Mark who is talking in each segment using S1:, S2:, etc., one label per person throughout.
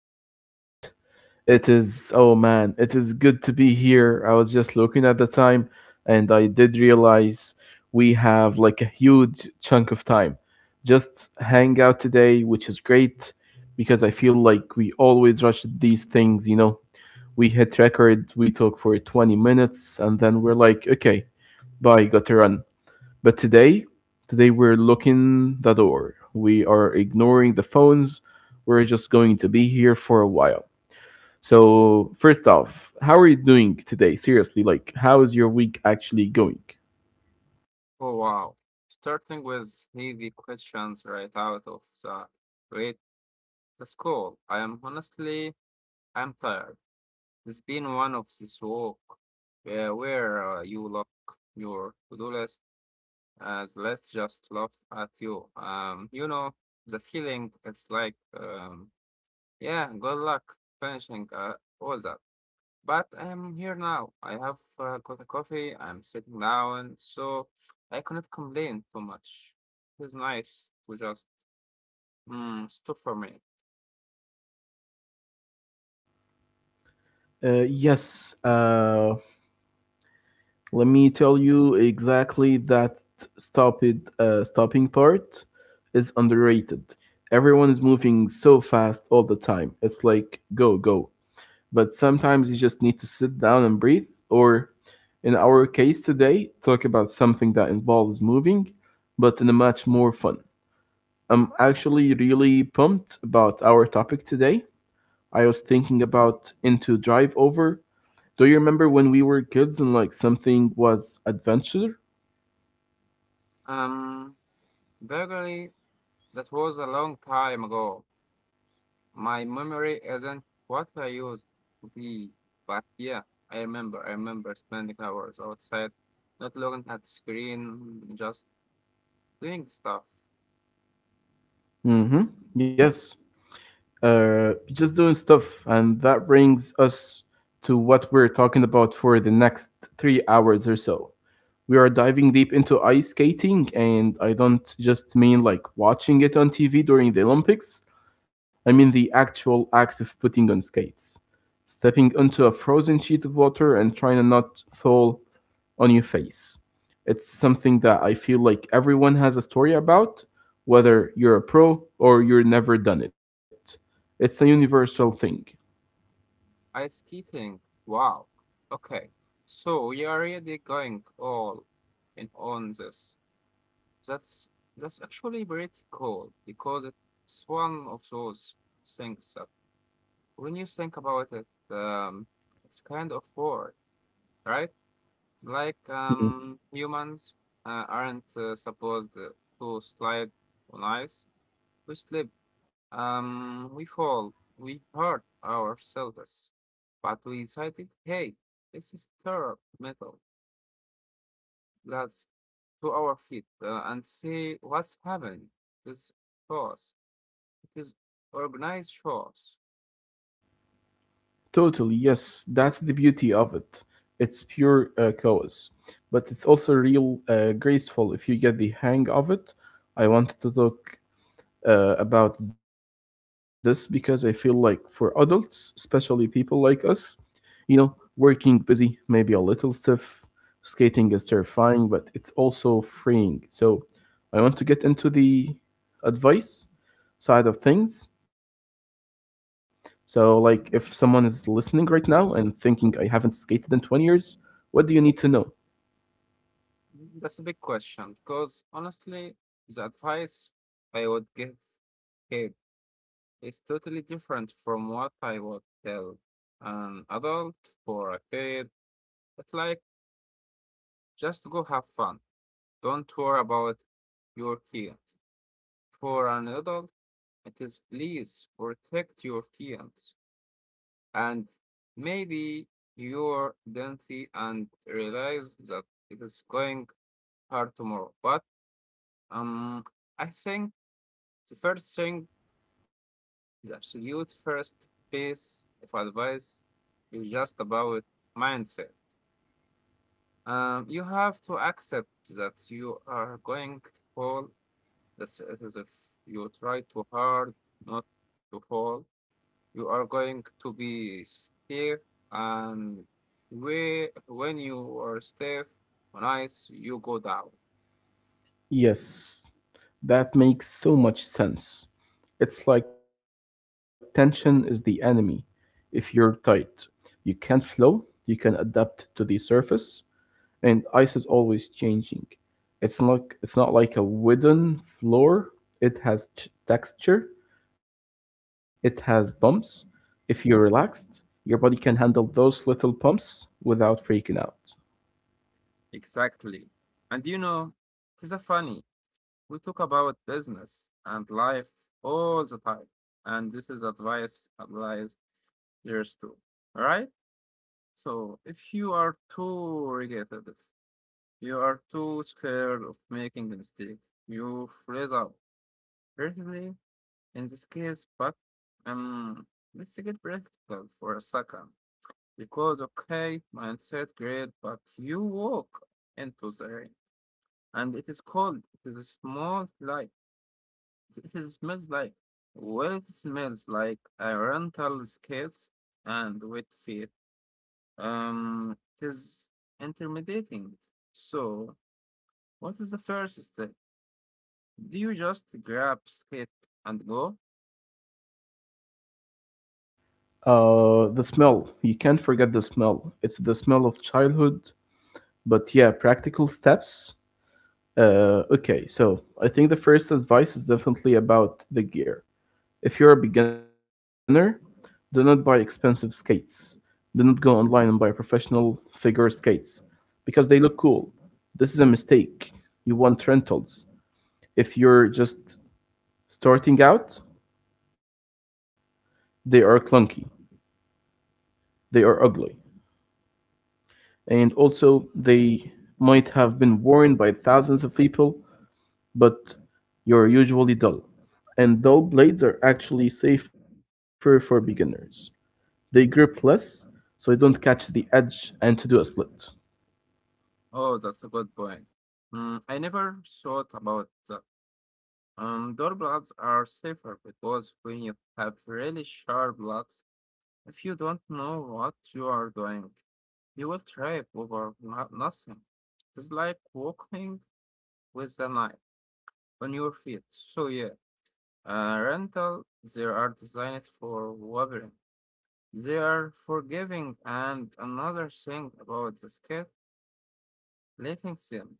S1: And it is, oh man, it is good to be here. I was just looking at the time and I did realize we have like a huge chunk of time. Just hang out today, which is great because I feel like we always rush these things, We hit record, we talk for 20 minutes, and then we're like, okay, bye, got to run. But today we're looking the door. We are ignoring the phones. We're just going to be here for a while. So, first off, how are you doing today? Seriously, like, how is your week actually going?
S2: Oh wow. Starting with heavy questions right out of the great, that's cool. I am honestly I'm tired. It's been one of this walk, where you lock your to-do list as let's just laugh at you. You know the feeling. It's like yeah, good luck finishing all that. But I'm here now. I have got a coffee. I'm sitting down, so I cannot complain too much. It's nice to just stop for me.
S1: Yes, let me tell you exactly that stop it, stopping part is underrated. Everyone is moving so fast all the time. It's like, go, go. But sometimes you just need to sit down and breathe, or in our case today, talk about something that involves moving, but in a much more fun. I'm actually really pumped about our topic today. I was thinking about into drive over. Do you remember when we were kids and like something was adventure?
S2: Um, vaguely, that was a long time ago. My memory isn't what I used to be. But yeah, I remember spending hours outside, not looking at screen, just doing stuff.
S1: Mm-hmm. Yes. Just doing stuff, and that brings us to what we're talking about for the next 3 hours or so. We are diving deep into ice skating, and I don't just mean like watching it on TV during the Olympics. I mean the actual act of putting on skates, stepping onto a frozen sheet of water and trying to not fall on your face. It's something that I feel like everyone has a story about, whether you're a pro or you're never done it. It's a universal thing.
S2: Ice skating. Wow. Okay. So we are really going all in on this. That's that's actually pretty cool because it's one of those things that when you think about it, it's kind of war, right? Like
S1: Mm-hmm.
S2: humans aren't supposed to slide on ice. We slip, we fall, we hurt ourselves, but we decided, hey, this is terra metal. Let's to our feet and see what's happening. This chaos. It is organized chaos.
S1: Totally, yes. That's the beauty of it. It's pure chaos, but it's also real graceful if you get the hang of it. I wanted to talk about this because I feel like for adults, especially people like us, you know, working busy, maybe a little stiff. Skating is terrifying, but it's also freeing. So I want to get into the advice side of things. So, like, if someone is listening right now and thinking, I haven't skated in 20 years, what do you need to know?
S2: That's a big question because honestly, the advice I would give kid is totally different from what I would tell an adult for a kid. It's like just go have fun. Don't worry about your kid. For an adult, it is please protect your kids and maybe your identity, and realize that it is going hard tomorrow. But um, I think the first thing, the absolute first piece of advice is just about mindset. You have to accept that you are going to fall. That's it is if you try too hard not to fall, you are going to be stiff, and we, when you are stiff on ice, you go down.
S1: Yes, that makes so much sense. It's like tension is the enemy. If you're tight, you can not flow, you can adapt to the surface, and ice is always changing. It's not like a wooden floor. It has texture. It has bumps. If you're relaxed, your body can handle those little bumps without freaking out.
S2: Exactly. And you know, it is a funny. We talk about business and life all the time. And this is advice applies years too. All right? So if you are too regulated, you are too scared of making a mistake. You freeze out. Certainly, in this case, but um, let's get practical for a second. Because, okay, mindset, great, but you walk into the rain and it is cold. It is small, like it is smells like. Well, it smells like a rental skates and wet feet. It is intimidating. So, what is the first step? Do you just grab skit and go?
S1: The smell. You can't forget the smell. It's the smell of childhood. But yeah, practical steps. Okay, so I think the first advice is definitely about the gear. If you're a beginner, do not buy expensive skates. Do not go online and buy professional figure skates because they look cool. This is a mistake. You want rentals. If you're just starting out, they are clunky, they are ugly, and also they might have been worn by thousands of people, but you're usually dull. And dull blades are actually safer for beginners. They grip less so you don't catch the edge and to do a split.
S2: Oh, that's a good point. I never thought about that. Door blocks are safer because when you have really sharp blocks, if you don't know what you are doing, you will trip over nothing. It's like walking with a knife on your feet. So yeah, uh, rental, they are designed for wobbling. They are forgiving, and another thing about the scale, letting them.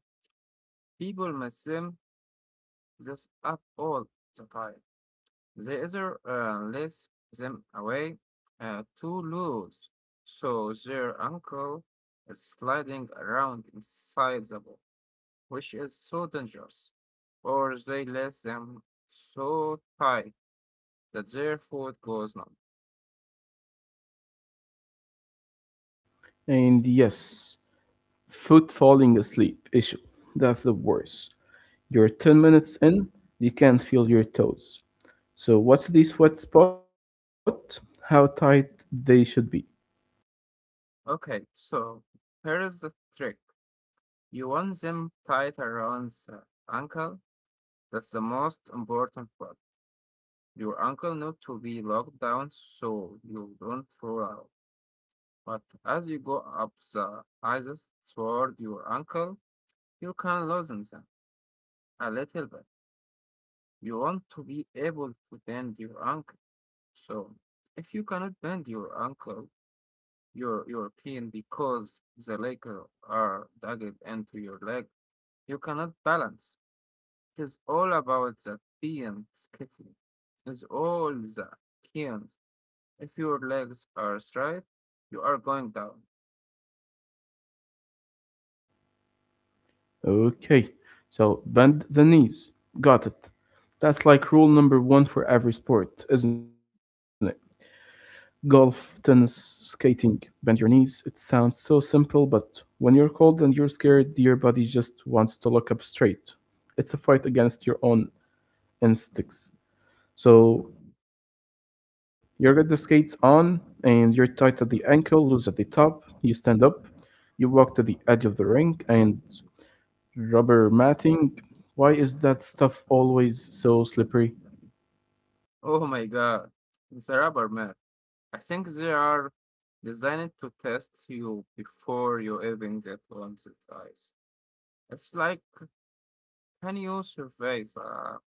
S2: People mess them this up all the time. They either lace them away too loose, so their ankle is sliding around inside the ball, which is so dangerous, or they lace them so tight that their foot goes numb.
S1: And yes, foot falling asleep issue. That's the worst. You're 10 minutes in, you can't feel your toes. So, what's the sweat spot? How tight they should be.
S2: Okay, so here is the trick. You want them tied around the ankle. That's the most important part. Your ankle need to be locked down so you don't fall out. But as you go up the ices toward your ankle, you can loosen them a little bit. You want to be able to bend your ankle. So if you cannot bend your ankle, your pin because the legs are dug into your leg. You cannot balance. It is all about that being skiffy. It's all the kins. If your legs are straight, you are going down.
S1: Okay, so bend the knees. Got it. That's like rule number one for every sport, isn't it? Golf, tennis, skating. Bend your knees. It sounds so simple, but when you're cold and you're scared, your body just wants to look up straight. It's a fight against your own instincts. So you get the skates on and you're tight at the ankle, loose at the top. You stand up, you walk to the edge of the rink and rubber matting. Why is that stuff always so slippery?
S2: Oh my god, it's a rubber mat. I think they are designed to test you before you even get on the ice. It's like, can you survive a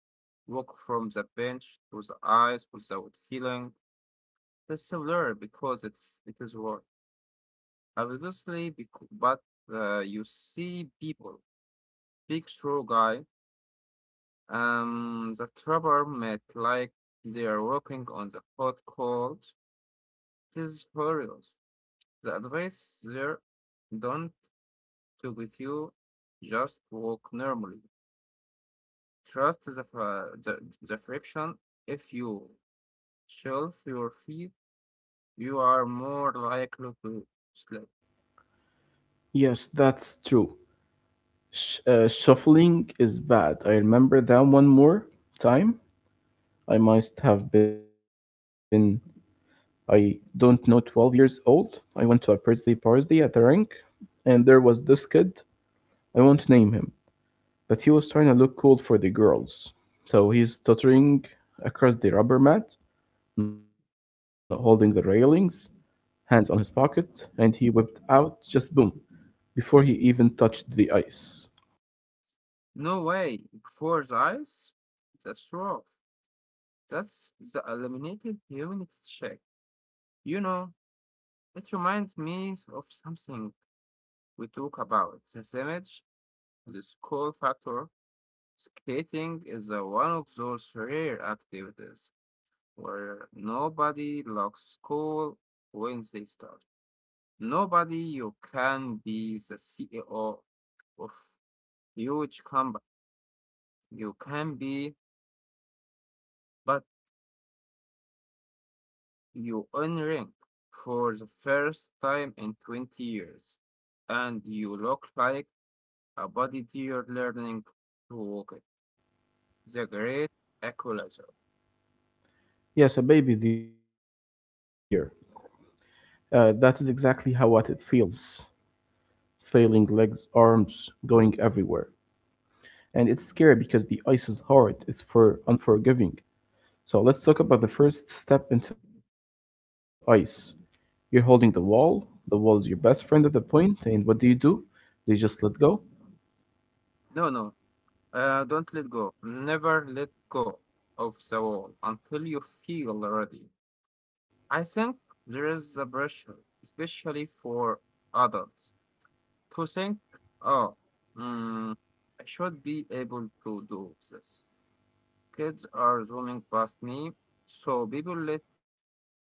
S2: walk from the bench to the ice without feeling? It's similar because it is work. Obviously, because, but you see people, big show guy, the trapper met like they are walking on the hot coals. It is hilarious. The advice there, don't to with you, just walk normally. Trust the friction. If you shelf your feet, you are more likely to slip.
S1: Yes, that's true. Shuffling is bad. I remember that one more time. I must have been, I don't know, 12 years old. I went to a birthday party at a rink, and there was this kid. I won't name him, but he was trying to look cool for the girls. So he's tottering across the rubber mat, not holding the railings, hands on his pocket, and he whipped out just boom before he even touched the ice.
S2: No way. Four eyes? That's rough. That's the eliminated humanity check. You know, it reminds me of something we talk about. This image, the school factor. Skating is a, one of those rare activities where nobody locks school when they start. Nobody you can be the CEO of huge company. You can be, but you own rent for the first time in 20 years, and you look like a bodybuilder learning to walk it. The great equalizer.
S1: Yes, a baby deer. That is exactly how what it feels. Failing legs, arms, going everywhere. And it's scary because the ice is hard, it's for unforgiving. So let's talk about the first step into ice. You're holding the wall is your best friend at the point. And what do you do? They just let go?
S2: No, no, don't let go. Never let go of the wall until you feel ready. I think there is a pressure, especially for adults, to think, oh, mm, I should be able to do this. Kids are zooming past me, so people let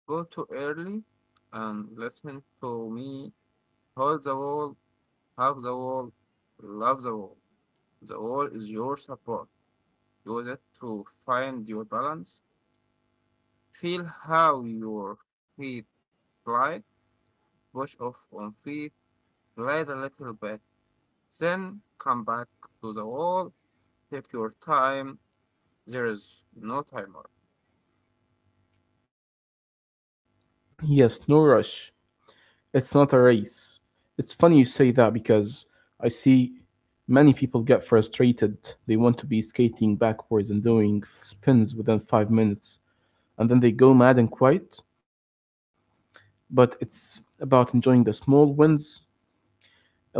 S2: go too early and listen to me. Hold the wall, hug the wall, love the wall. The wall is your support. Use it to find your balance. Feel how your feet slide, push off on feet, glide a little bit, then come back to the wall. Take your time. There is no timer.
S1: Yes, no rush. It's not a race. It's funny you say that because I see many people get frustrated. They want to be skating backwards and doing spins within 5 minutes. And then they go mad and quiet. But it's about enjoying the small wins.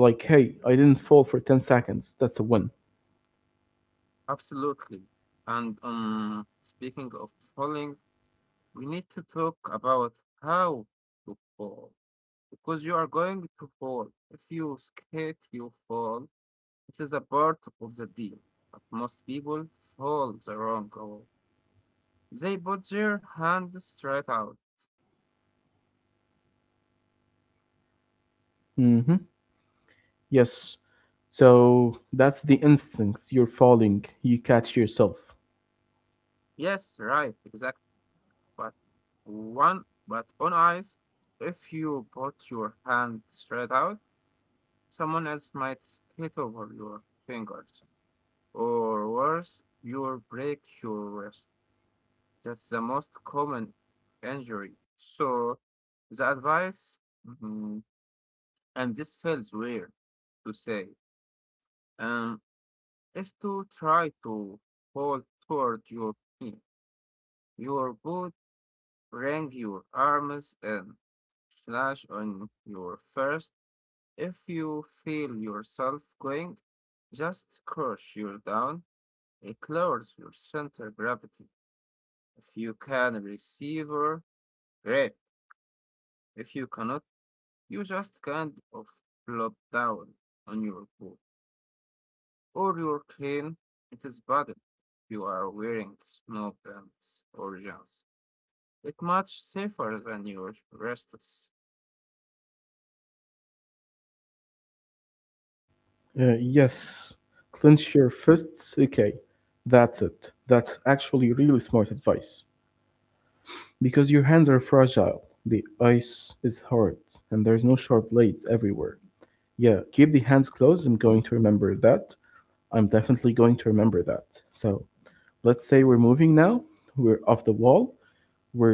S1: Like, hey, I didn't fall for 10 seconds. That's a win.
S2: Absolutely. And speaking of falling, we need to talk about how to fall because you are going to fall. If you skate, you fall. It is a part of the deal. But most people fall the wrong way. They put their hand straight out.
S1: hmm Yes. So that's the instincts. You're falling. You catch yourself.
S2: Yes, right, exactly. But one, but on ice, if you put your hand straight out, someone else might skate over your fingers, or worse, you break your wrist. That's the most common injury. So, the advice, mm, and this feels weird to say, um, is to try to hold toward your knee. Your boot, bring your arms in, slash on your first. If you feel yourself going, just crush your down. It lowers your center gravity. If you can receiver, great. If you cannot, you just kind of flop down on your board or your clean it is button. You are wearing snow pants or jeans. It's much safer than your restless.
S1: Yes. Clench your fists. Okay. That's it. That's actually really smart advice. Because your hands are fragile. The ice is hard. And there's no sharp blades everywhere. Yeah. Keep the hands closed. I'm going to remember that. I'm definitely going to remember that. So let's say we're moving now. We're off the wall.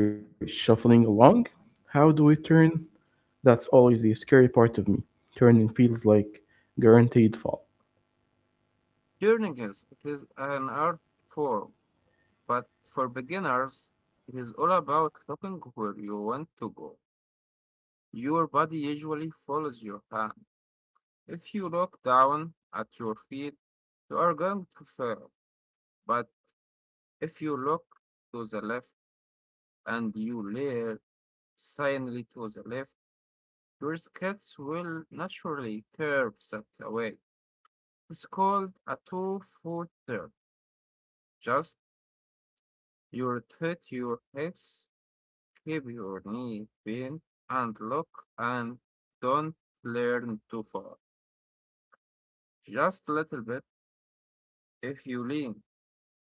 S1: We're shuffling along. How do we turn? That's always the scary part of me. Turning feels like guaranteed fall.
S2: Learning is it is an art form, but for beginners, it is all about looking where you want to go. Your body usually follows your hand. If you look down at your feet, you are going to fail. But if you look to the left and you leer silently to the left, your skates will naturally curve that way. It's called a two-foot turn. Just you rotate your hips, keep your knee bent, and look and don't lean too far. Just a little bit if you lean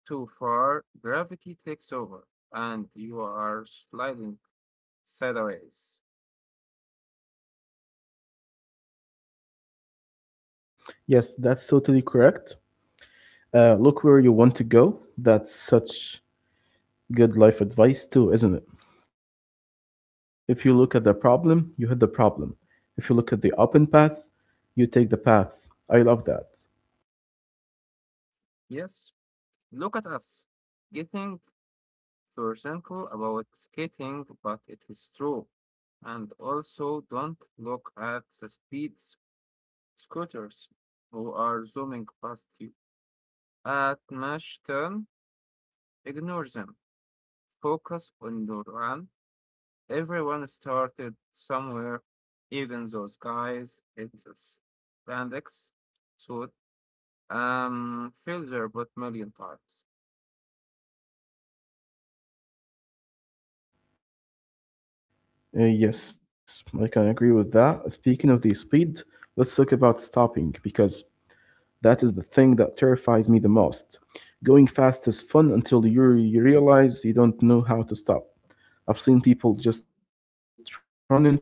S2: too far, gravity takes over and you are sliding sideways.
S1: Yes, that's totally correct. Look where you want to go. That's such good life advice, too, isn't it? If you look at the problem, you hit the problem. If you look at the open path, you take the path. I love that.
S2: Yes, look at us getting philosophical about skating, but it is true. And also, don't look at the scooters who are zooming past you. At Mach 10. Ignore them. Focus on your, everyone started somewhere, even those guys in the spandex suit failed their butt million times.
S1: Yes, I can agree with that. Speaking of the speed, let's talk about stopping because that is the thing that terrifies me the most. Going fast is fun until you realize you don't know how to stop. I've seen people just run into the wall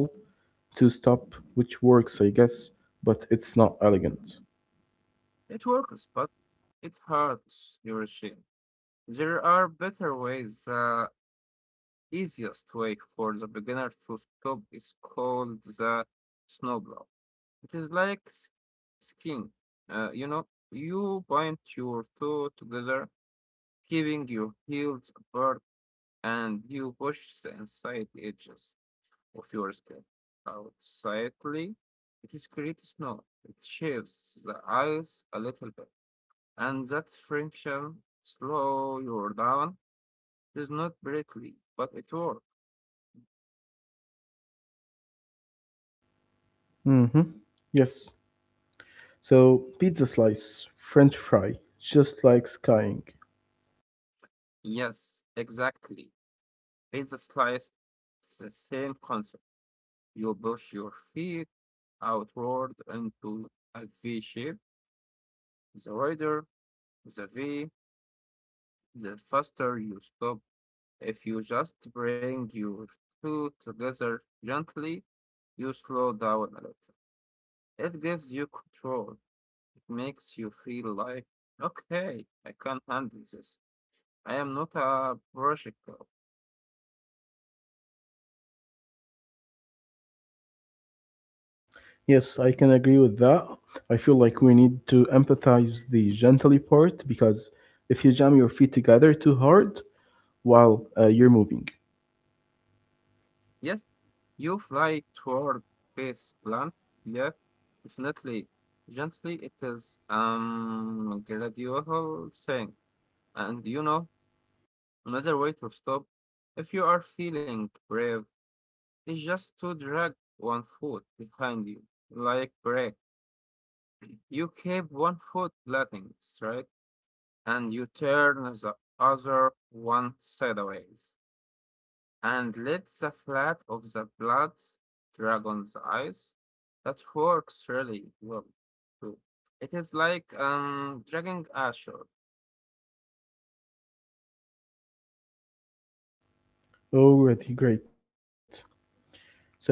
S1: to stop, which works, I guess, but it's not elegant.
S2: It works, but it hurts your shin. There are better ways. The easiest way for the beginner to stop is called the snowblow. It is like skiing. You know, you bind your toe together, keeping your heels apart and you push the inside edges of your skin out slightly. It is creates snow. It shapes the ice a little bit, and that friction slow you down. It is not brittle, but it works.
S1: Mm-hmm. Yes. So, pizza slice, french fry, just like skying.
S2: Yes, exactly. In the slice, it's the same concept. You push your feet outward into a V shape. The wider the V, the faster you stop. If you just bring your two together gently, you slow down a little. It gives you control. It makes you feel like, okay, I can handle this. I am not a projectile.
S1: Yes, I can agree with that. I feel like we need to empathize the gently part because if you jam your feet together too hard while you're moving.
S2: Yes, you fly toward this plant, yet definitely gently it is gradual thing. And you know, another way to stop if you are feeling brave, it's just to drag one foot behind you, like brake. You keep one foot letting straight, and you turn the other one sideways, and let the flat of the blades drag on the ice. That works really well, too. It is like dragging ashore.
S1: Already great. So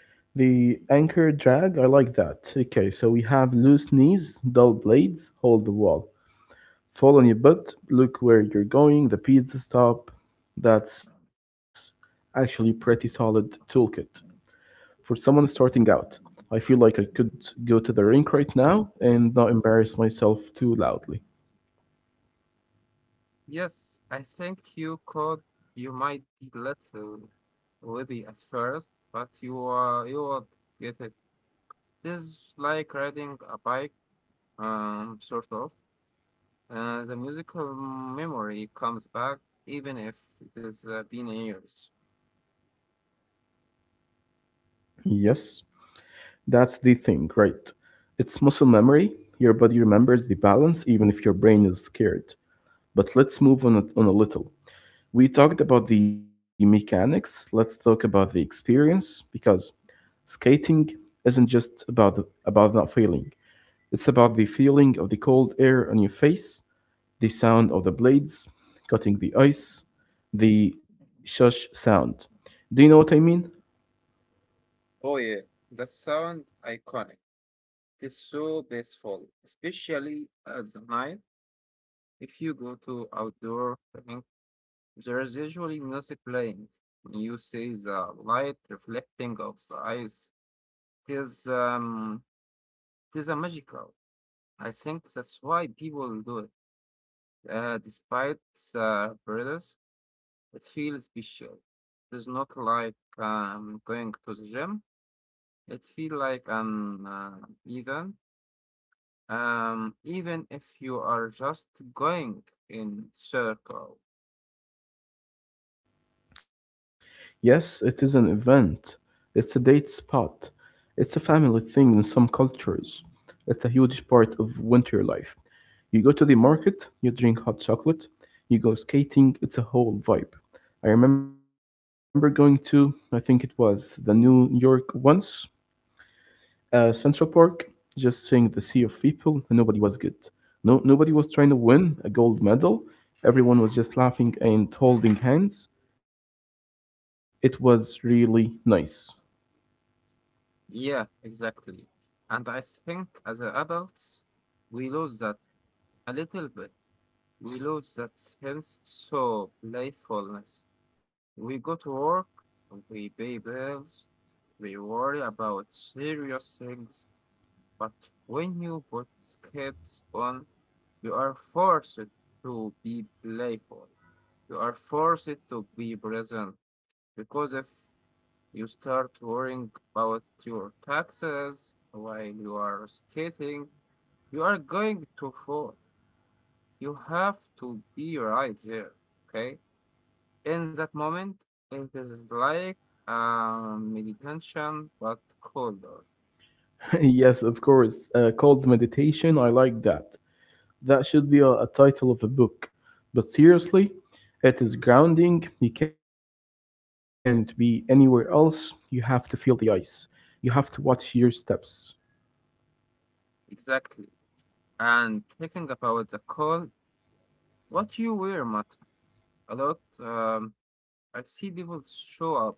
S1: the anchor drag, I like that. Okay, so we have loose knees, dull blades, hold the wall. Fall on your butt, look where you're going, the pizza stop. That's actually pretty solid toolkit. For someone starting out, I feel like I could go to the rink right now and not embarrass myself too loudly.
S2: Yes, I think you could. You might be little witty at first, but you you will get it. This is like riding a bike, sort of. The musical memory comes back even if it has been years.
S1: Yes, that's the thing, right? It's muscle memory. Your body remembers the balance even if your brain is scared. But let's move on, on a little. We talked about the mechanics, let's talk about the experience because skating isn't just about not feeling. It's about the feeling of the cold air on your face, the sound of the blades cutting the ice, the shush sound. Do you know what I mean?
S2: Oh yeah, that sound iconic. It's so peaceful, especially at the night. If you go to outdoor running, there is usually music playing. You see the light reflecting off the ice. It is um, it is a magical. I think that's why people do it. Despite the burdens, it feels special. It's not like going to the gym. It feels like an event, even if you are just going in circle.
S1: Yes, it is an event. It's a date spot. It's a family thing in some cultures. It's a huge part of winter life. You go to the market, you drink hot chocolate, you go skating, it's a whole vibe. I remember going to, I think it was the New York once, Central Park, just seeing the sea of people, nobody was good. No, nobody was trying to win a gold medal. Everyone was just laughing and holding hands. It was really nice.
S2: Yeah, exactly. And I think as adults, we lose that a little bit. We lose that sense, so playfulness. We go to work, we pay bills, we worry about serious things, but when you put skates on, you are forced to be playful. You are forced to be present because if you start worrying about your taxes while you are skating, you are going to fall. You have to be right there, okay? In that moment, it is like meditation, but colder.
S1: Yes, of course. Cold meditation. I like that. That should be a title of a book. But seriously, it is grounding. You can't be anywhere else. You have to feel the ice. You have to watch your steps.
S2: Exactly. And thinking about the cold, what you wear matter a lot. Um, I see people show up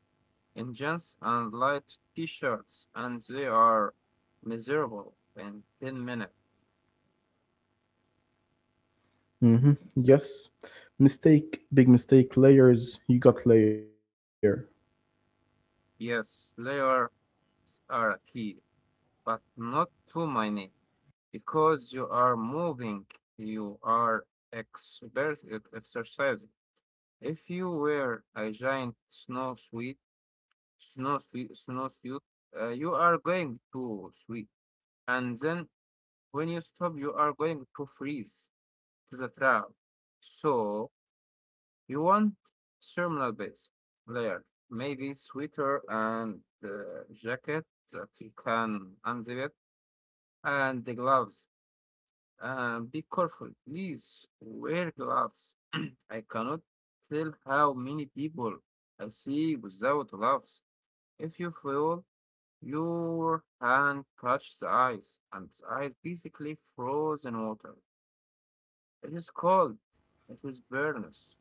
S2: in jeans and light t-shirts, and they are miserable in 10 minutes.
S1: Yes. Mistake, big mistake. Layers, you got layer.
S2: Yes, layers are a key, but not to my name, because you are moving, you are expert exercising. If you wear a giant snow suit, snow suit, you are going to sweat, and then when you stop, you are going to freeze to the trap. So you want thermal base layer, maybe sweater and jacket that you can unzip it, and the gloves. Be careful, please wear gloves. I cannot tell how many people I see without gloves. If you feel your hand touch the ice, and the ice basically frozen water. It is cold. It is burnous.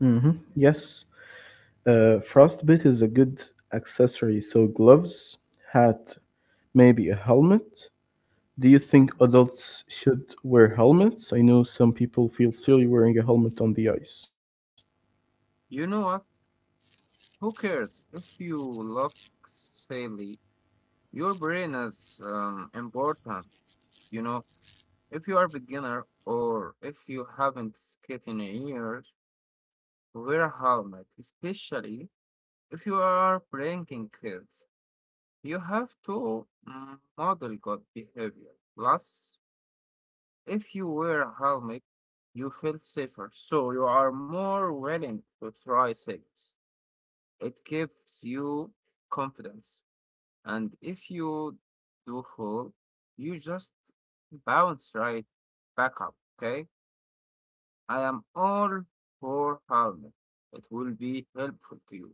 S1: Yes. Frostbite is a good accessory. So gloves, hat, maybe a helmet. Do you think adults should wear helmets? I know some people feel silly wearing a helmet on the ice.
S2: You know what? Who cares? If you look silly, your brain is important. You know, if you are beginner or if you haven't skated in years, wear a helmet. Especially if you are pranking kids, you have to model good behavior. Plus, if you wear a helmet, you feel safer, so you are more willing to try things. It gives you confidence. And if you do fall, you just bounce right back up, okay? I am all for helmet. It will be helpful to you.